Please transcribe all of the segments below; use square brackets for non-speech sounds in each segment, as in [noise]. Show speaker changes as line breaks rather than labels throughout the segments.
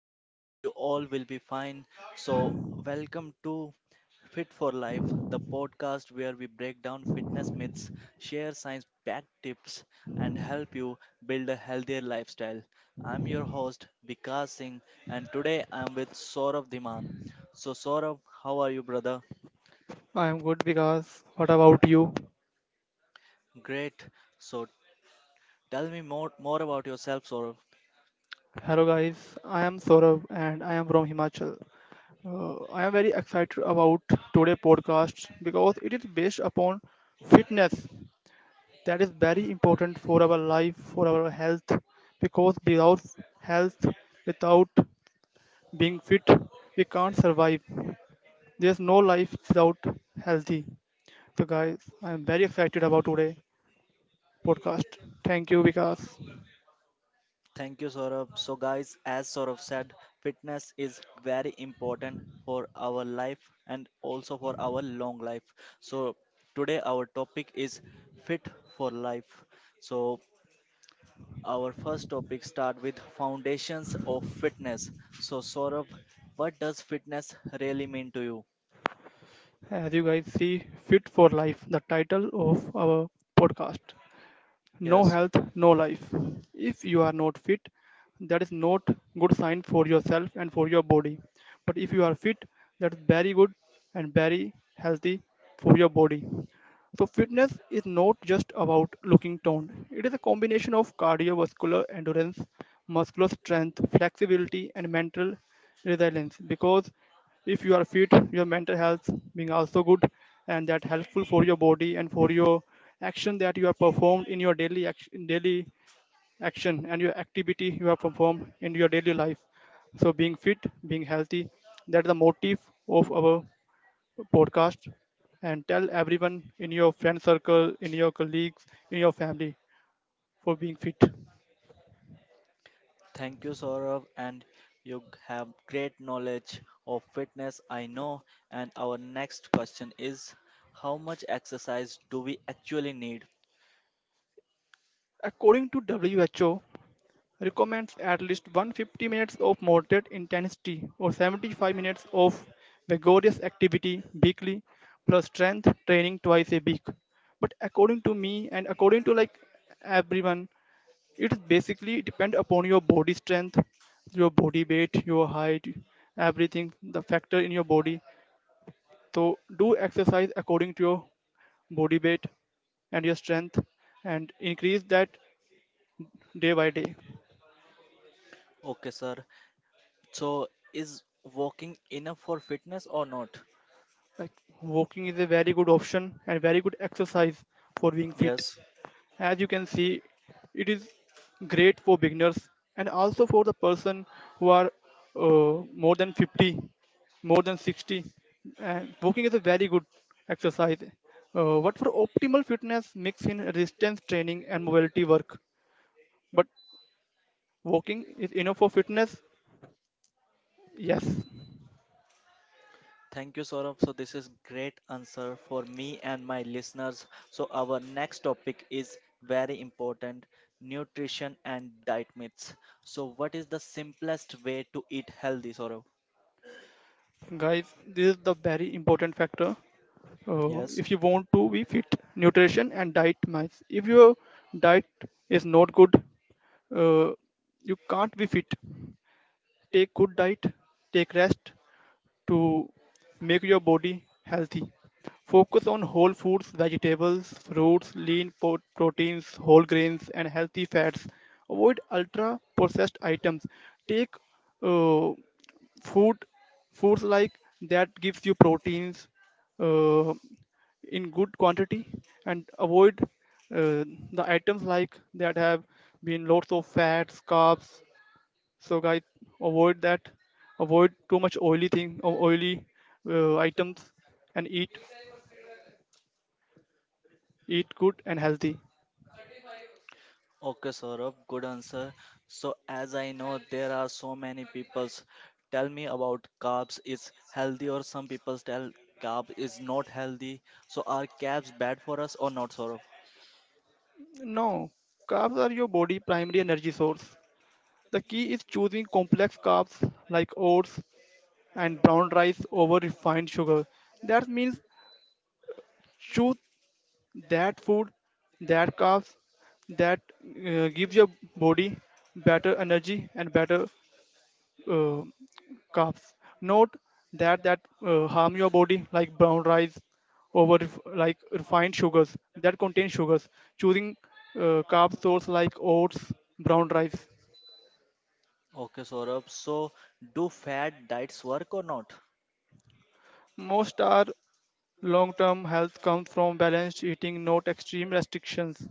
I hope you all will be fine. So, welcome to Fit for Life, the podcast where we break down fitness myths, share science backed tips, and help you build a healthier lifestyle. I'm your host, Vikas Singh, and today I'm with Saurav Dhiman. So, Saurav, how are you, brother?
I am good because what about you?
Great. So, tell me more about yourself, Saurav.
Hello guys, I am Saurabh and I am from Himachal. I am very excited about today podcast because it is based upon fitness that is very important for our life, for our health because without health, without being fit, we can't survive. There's no life without healthy. So guys, I am very excited about today podcast. Thank you Vikas.
Thank you, Saurabh. So, guys, as Saurabh said, fitness is very important for our life and also for our long life. So, today our topic is fit for life. So, our first topic start with foundations of fitness. So, Saurabh, what does fitness really mean to you?
As you guys see, Fit for Life, the title of our podcast. No
Yes.
health, no life. If you are not fit, that is not good sign for yourself and for your body. But if you are fit, that is very good and very healthy for your body. So, fitness is not just about looking toned, it is a combination of cardiovascular endurance, muscular strength, flexibility, and mental resilience. Because if you are fit, your mental health being also good, and that helpful for your body and for your action that you have performed in your daily action and your activity you have performed in your daily life. So, being fit, being healthy, that's the motive of our podcast and tell everyone in your friend circle, in your colleagues, in your family for being fit.
Thank you, Saurav, and you have great knowledge of fitness, I know. And our next question is, how much exercise do we actually need?
According to WHO, recommends at least 150 minutes of moderate intensity or 75 minutes of vigorous activity weekly plus strength training twice a week. But according to me and according to like everyone, it is basically depend upon your body strength, your body weight, your height, everything, the factor in your body. So do exercise according to your body weight and your strength and increase that day by day.
Okay, sir. So, is walking enough for fitness or not?
Like walking is a very good option and very good exercise for being fit.
Yes.
As you can see, it is great for beginners and also for the person who are more than 50, more than 60. And walking is a very good exercise. What for optimal fitness mix in resistance training and mobility work. But walking is enough for fitness? Yes.
Thank you, Saurabh. So this is great answer for me and my listeners. So our next topic is very important: nutrition and diet myths. So what is the simplest way to eat healthy, Saurabh?
Guys, this is the very important factor.
Yes.
If you want to be fit, nutrition and diet matters. If your diet is not good, uh, you can't be fit. Take good diet, take rest, to make your body healthy. Focus on whole foods, vegetables, fruits, proteins, whole grains, and healthy fats. Avoid ultra processed items. Take uh, food foods like that gives you proteins uh, in good quantity and avoid uh, the items like that have been lots of fats carbs. So guys, avoid that, avoid too much oily thing or oily items and eat good and healthy.
Okay, Saurabh, good answer. So, as I know, there are so many people's tell me about carbs is healthy, or some people tell carb is not healthy. So, are carbs bad for us or not, Saurabh?
No, carbs are your body primary energy source. The key is choosing complex carbs like oats and brown rice over refined sugar. That means choose that food, that carbs that gives your body better energy and better uh, carbs. Note that harm your body like brown rice like refined sugars that contain sugars. Choosing carb source like oats, brown rice.
Okay, Saurabh. So, do fat diets work or not?
Most are long-term health comes from balanced eating, not extreme restrictions.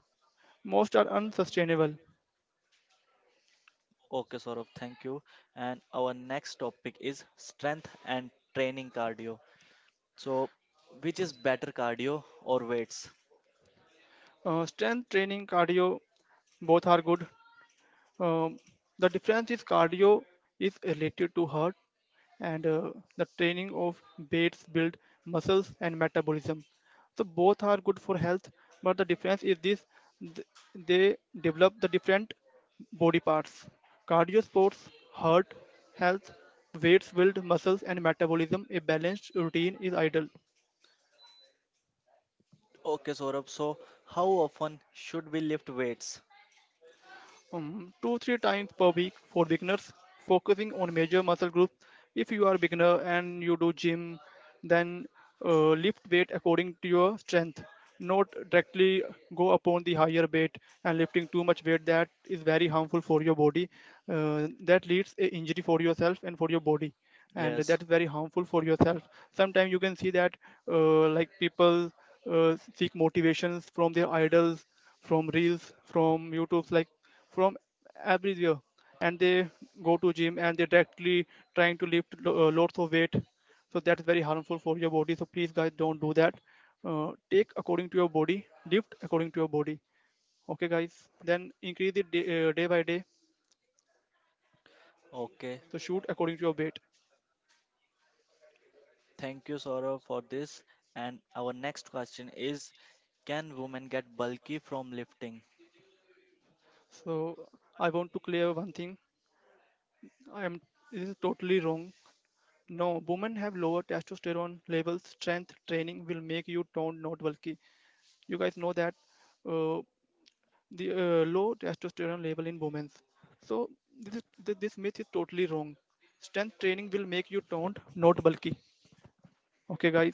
Most unsustainable.
Okay, Saurabh, thank you. And our next topic is strength and training cardio. So, which is better, cardio or weights?
Strength training, cardio, both are good. Um, the difference is cardio is related to heart and the training of weights build muscles and metabolism. So both are good for health but the difference is this. th- they develop the different body parts. Cardio sports heart health, weights build muscles and metabolism. A balanced routine is ideal.
Okay, Saurabh. So, how often should we lift weights?
2-3 times per week for beginners focusing on major muscle groups. If you are a beginner and you do gym, then lift weight according to your strength, not directly go upon the higher weight. And lifting too much weight that is very harmful for your body, that leads a injury for yourself and for your body. And
Yes.
that's very harmful for yourself. Sometimes you can see that like people seek motivations from their idols, from reels, from youtubes, like from everywhere. And they go to gym and they directly trying to lots of weight. So that's very harmful for your body, so please guys don't do that. Take according to your body, lift according to your body. Okay guys, then increase it day by day. So shoot
Okay,
according to your weight.
thank you, Saurav, for this. And our next question is, can women get bulky from lifting?
So I want to clear one thing. I am This is totally wrong. No, women have lower testosterone levels. Strength training will make you toned, not bulky. You guys know that uh, the low testosterone level in women. So this is, this myth is totally wrong. Strength training will make you toned, not bulky. Okay, guys.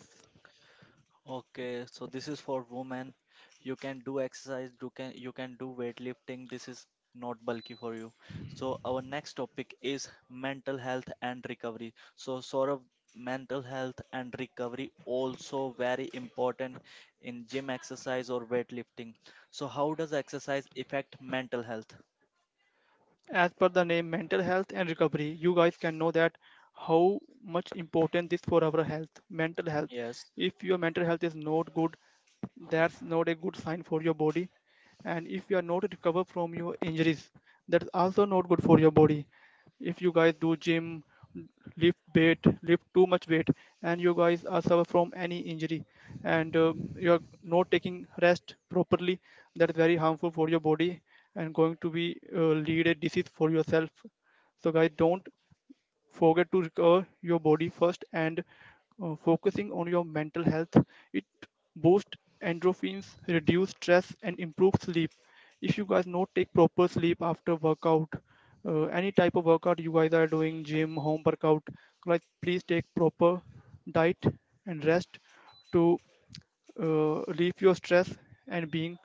Okay, so this is for women. You can do exercise, you can do weightlifting. This is not bulky for you. So our next topic is mental health and recovery. So sort of mental health and recovery also very important in gym exercise or weightlifting. So how does exercise affect mental health?
As per the name, mental health and recovery. You guys can know that how much important this for our health, mental health.
Yes.
If your mental health is not good, that's not a good sign for your body. And if you are not recover from your injuries, that's also not good for your body. If you guys do gym, lift weight, lift too much weight, and you guys are suffer from any injury, and you are not taking rest properly, that is very harmful for your body and going to be lead a disease for yourself. So guys, don't forget to recover your body first and focusing on your mental health. It boosts endorphins, reduce stress, and improve sleep. If you guys not take proper sleep after workout, any type of workout you guys are doing, gym, home workout, like please take proper diet and rest to relieve your stress and being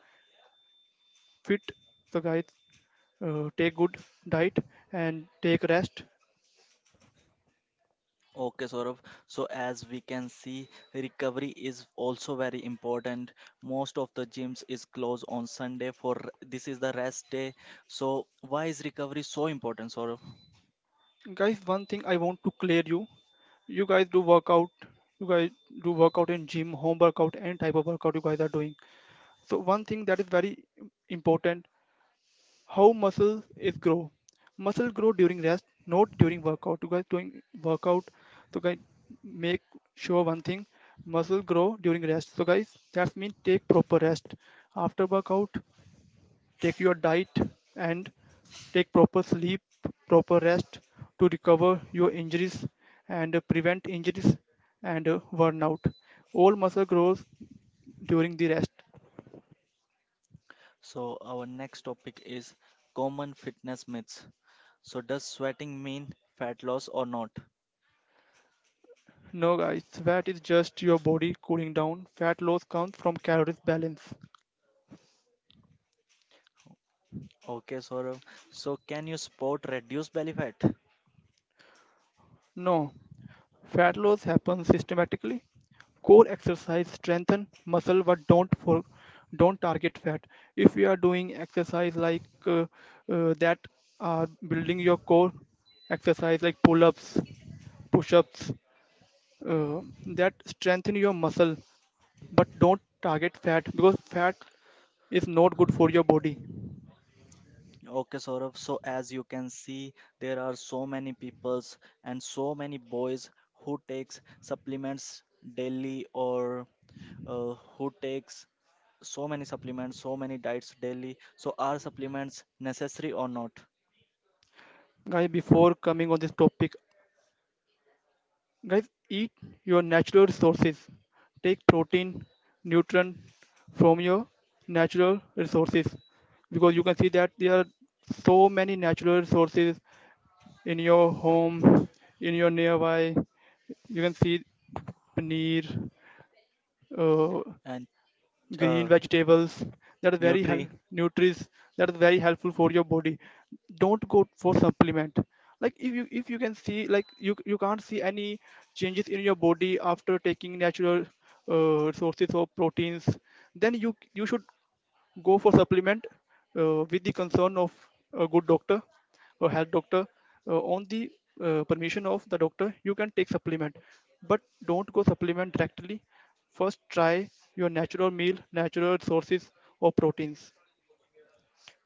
fit. So guys, take good diet and take rest.
Okay, Saurabh. So as we can see, recovery is also very important. Most of the gyms is closed on Sunday for this is the rest day. So why is recovery so important, Saurabh?
Guys, one thing I want to clear you. you guys do workout you guys do workout in gym, home workout, any type of workout you guys are doing. So one thing that is very important: how muscle is grow. Muscle grow during rest, not during workout you guys doing workout. So guys, make sure one thing: muscle grow during rest. So guys, that means take proper rest after workout, take your diet and take proper sleep, proper rest to recover your injuries and prevent injuries and burnout. All muscle grows during the rest.
So our next topic is common fitness myths. So does sweating mean fat loss or not?
No, guys, fat is just your body cooling down. Fat loss comes from calories balance.
Okay, Saurabh. So can you sport reduce belly fat?
No, fat loss happens systematically. Core exercise strengthen muscle but don't target fat. If you are doing exercise like that are building your core exercise like pull-ups, push-ups, uh, that strengthen your muscle but don't target fat because fat is not good for your body.
Okay, Saurabh. So as you can see, there are so many peoples and so many boys who takes supplements daily or who takes so many supplements, so many diets daily. So are supplements necessary or not?
Guys, before coming on this topic, guys, eat your natural resources. Take protein, nutrient from your natural resources because you can see that there are so many natural resources in your home, in your nearby. You can see paneer, uh,
And
green
uh,
vegetables that are very help
Nutri.
nutrients that is very helpful for your body. Don't go for supplement. Like if you can see, like you can't see any changes in your body after taking natural sources of proteins, then you should go for supplement with the concern of a good doctor or health doctor, on the permission of the doctor you can take supplement. But don't go supplement directly, first try your natural meal, natural sources of proteins.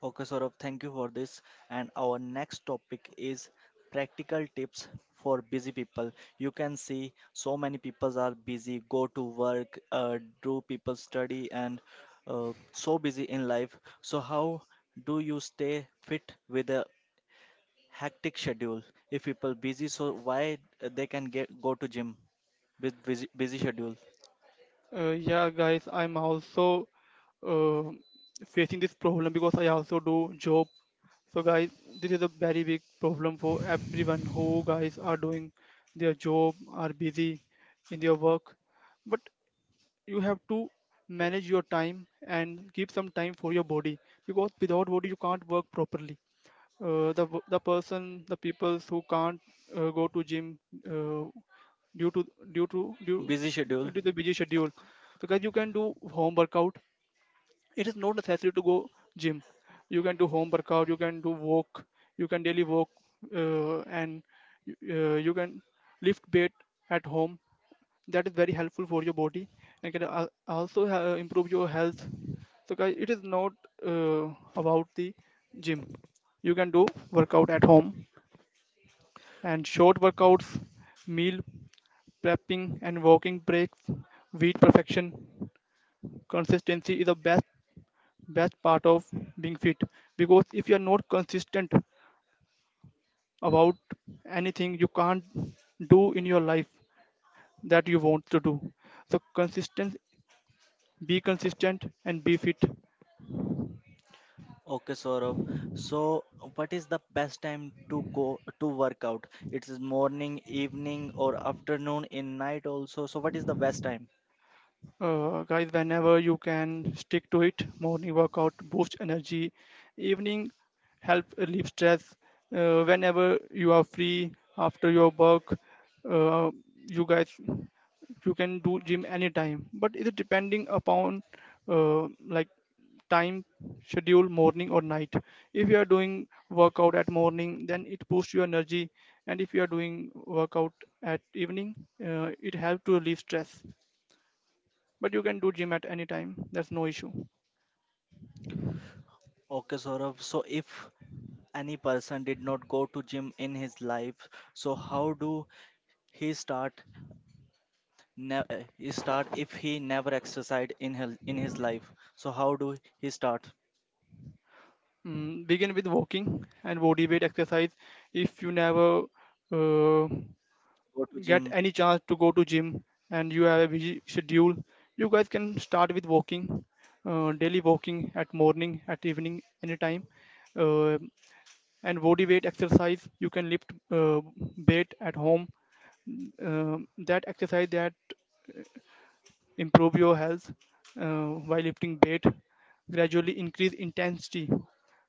Okay, Saurabh, thank you for this. And our next topic is practical tips for busy people. You can see so many people are busy, go to work, do people study, and so busy in life. So how do you stay fit with a hectic schedule? If people busy, so why they can get go to gym with busy schedule?
Yeah guys, I'm also uh, facing this problem because I also do job. So guys, this is a very big problem for everyone who guys are doing their job, are busy in their work. But you have to manage your time and keep some time for your body because without body you can't work properly. The person the people who can't go to gym uh, due to due to due,
Busy
due
schedule.
to the busy schedule. Because you can do home workout, it is not necessary to go gym. You can do home workout, you can do walk, you can daily walk, and you can lift weight at home. That is very helpful for your body and can also improve your health. So guys, it is not uh, about the gym. You can do workout at home, and short workouts, meal prepping and walking breaks with perfection. Consistency is the best part of being fit. Because if you are not consistent about anything, you can't do in your life that you want to do. So consistency, be consistent and be fit.
Okay, Saurav. So, what is the best time to go to work out? It's morning, evening, or afternoon, in night also. So, what is the best time?
Guys, whenever you can stick to it, morning workout boosts energy, evening help relieve stress. Whenever you are free after your work, uh, you guys you can do gym anytime. But it is depending upon uh, like time schedule, morning or night. If you are doing workout at morning, then it boosts your energy, and if you are doing workout at evening, it helps to relieve stress. But you can do gym at any time, that's no issue.
Okay, Saurav. So, if any person did not go to gym in his life, so how do he start? He start if he never exercised in his life. So, how do he start?
Begin with walking and body weight exercise. If you never uh,
Go to
get
gym.
any chance to go to gym and you have a busy schedule, you guys can start with walking, daily walking, at morning, at evening, anytime. uh, and body weight exercise, you can lift weight at home. Mm, that exercise that improve your health. While lifting weight, gradually increase intensity.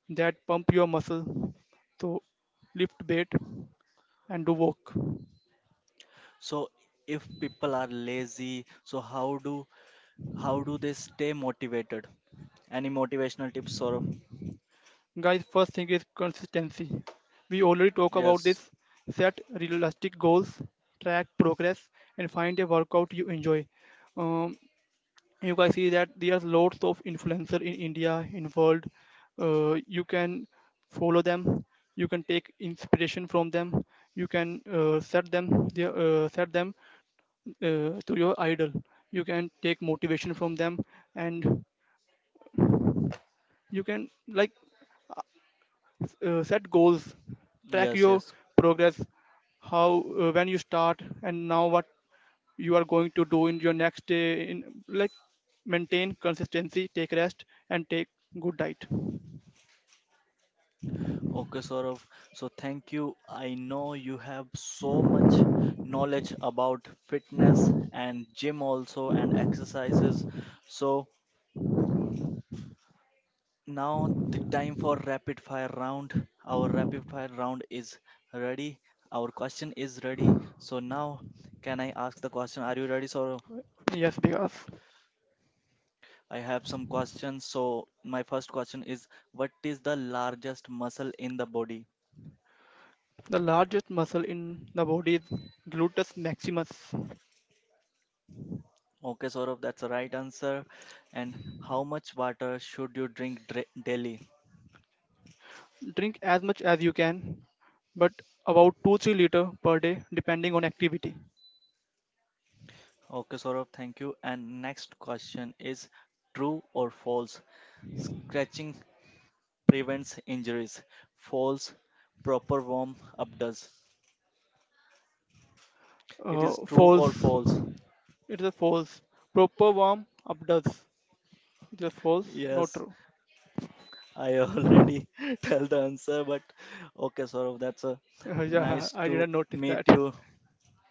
That pump your muscle. So lift weight and do work.
So, if people are lazy, so how do, how do they stay motivated? Any motivational tips, Saurav?
Guys, first thing is consistency. We already talk about this.
Yes,
Set realistic goals, track progress, and find a workout you enjoy. um, you guys see that there's lots of influencer in india, in world. You can follow them, you can take inspiration from them. You can set them to your idol. You can take motivation from them. And you can set goals, track
yes,
your
yes.
progress. How when you start and now what you are going to do in your next day. In like Maintain consistency, take rest, and take good diet.
Okay, Saurav. So thank you. I know you have so much knowledge about fitness and gym also and exercises. So now the time for rapid fire round. Our rapid fire round is ready. Our question is ready. So now can I ask the question? Are you ready, Saurav?
Yes, because
I have some questions. So my first question is, what is the largest muscle in the body?
the largest muscle in the body is gluteus maximus.
Okay, Saurav, that's the right answer. And how much water should you drink daily?
Drink as much as you can, but about 2 3 liter per day depending on activity.
Okay, Saurav, thank you. And next question is, true or false? Scratching prevents injuries. False. Proper warm up does. It is true or
False.
false?
It is a false. Proper warm up does. It's a false, not
Yes.
true.
I already [laughs] tell the answer, but okay, Saurav, that's a
Yeah,
nice
I
to
didn't notice
meet
that.
you.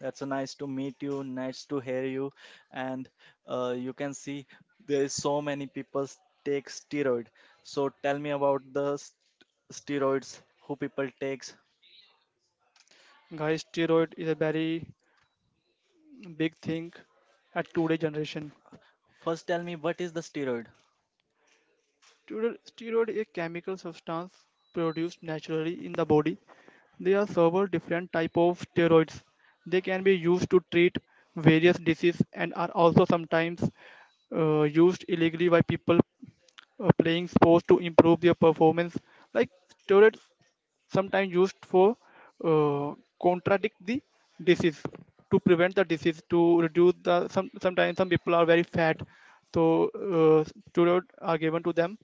That's a nice to meet you. Nice to hear you. And you can see there is so many people take steroid. So tell me about the steroids who people takes.
Guys, steroid is a very big thing at today generation.
First, tell me what is the steroid.
Steroid is a chemical substance produced naturally in the body. There are several different type of steroids. They can be used to treat various diseases and are also sometimes used illegally by people playing sports to improve their performance. Like, steroids sometimes used for uh, contradict the disease, to prevent the disease, to reduce the some, sometimes some people are very fat, so steroid are given to them.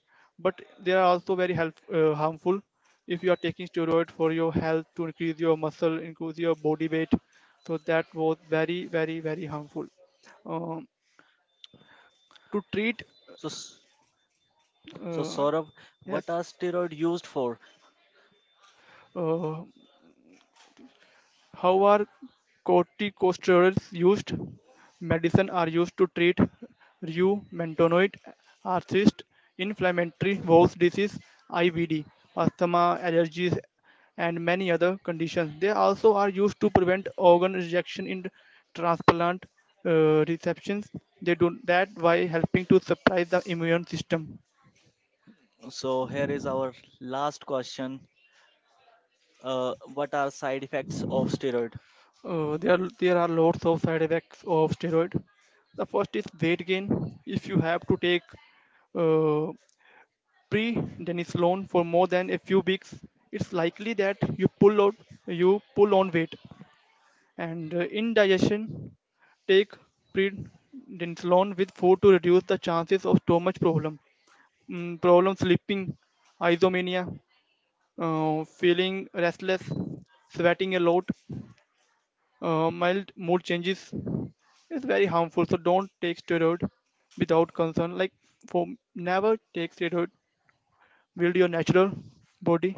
But they are also very harmful. If you are taking steroid for your health, to increase your muscle, increase your body weight, so that was very very very harmful. um, to treat
So, so
uh,
Saurav,
yes
what are steroid used for?
uh, how are corticosteroids used? Medicine are used to treat rheumatoid arthritis, inflammatory bowel disease, IBD, asthma, allergies, and many other conditions. They also are used to prevent organ rejection in transplant receptions. They do that by helping to suppress the immune system.
So here is our last question. What are side effects of steroid?
There are lots of side effects of steroid. The first is weight gain. If you have to take uh, prednisolone for more than a few weeks, it's likely that you pull out, you pull on weight. And indigestion, take prednisolone with food to reduce the chances of stomach problem, problem sleeping, isomania, feeling restless, sweating a lot, mild mood changes is very harmful, so don't take steroid without concern. Like, for never take steroid. Build your natural body.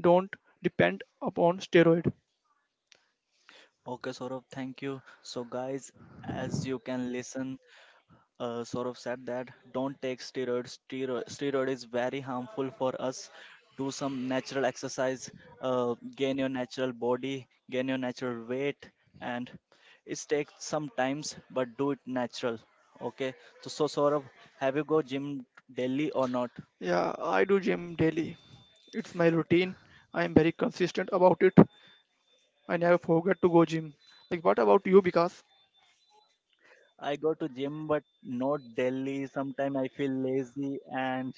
Don't depend upon steroid.
Okay, Saurabh, thank you. So, guys, as you can listen, Saurabh said that don't take steroids. Steroid is very harmful for us. Do some natural exercise, gain your natural body, gain your natural weight, and it takes some times, but do it natural. Okay. So, Saurabh, have you go gym daily or not?
Yeah, I do gym daily. It's my routine. I am very consistent about it. I never forget to go gym. Like, what about you? Because
I go to gym, but not daily. Sometime I feel lazy and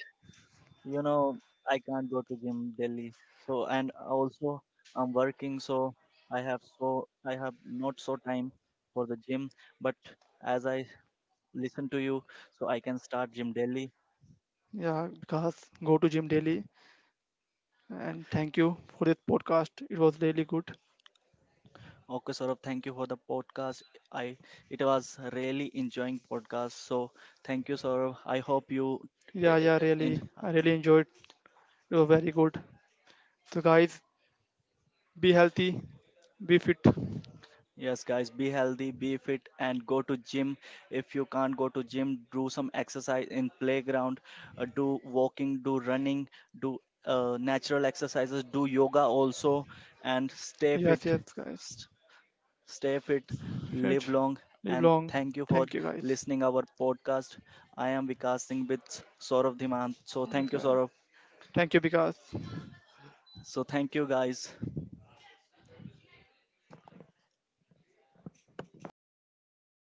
you know I can't go to gym daily. So and also I'm working, so I have not so time for the gym. But as I listen to you, so I can start gym daily.
yeah, because go to gym daily. And thank you for this podcast. It was really good.
Okay, Saurabh, thank you for the podcast. I It was really enjoying podcast, so thank you, Saurabh. I hope you eh,
Yeah,
eh,
yeah, really.
eh,
I really enjoyed. It was very good. So guys, be healthy, be fit.
Yes, guys, be healthy, be fit, and go to gym. If you can't go to gym, do some exercise in playground, do walking, do running, do natural exercises, do yoga also, and stay
Yes,
fit.
yes, guys.
St- Stay fit, live
Fit.
long,
Live
and
long.
thank you for
Thank you, guys.
listening our podcast. I am Vikas Singh with Saurav Dhiman. So thank you,
Yes,
Saurav.
thank you, because.
So thank you, guys.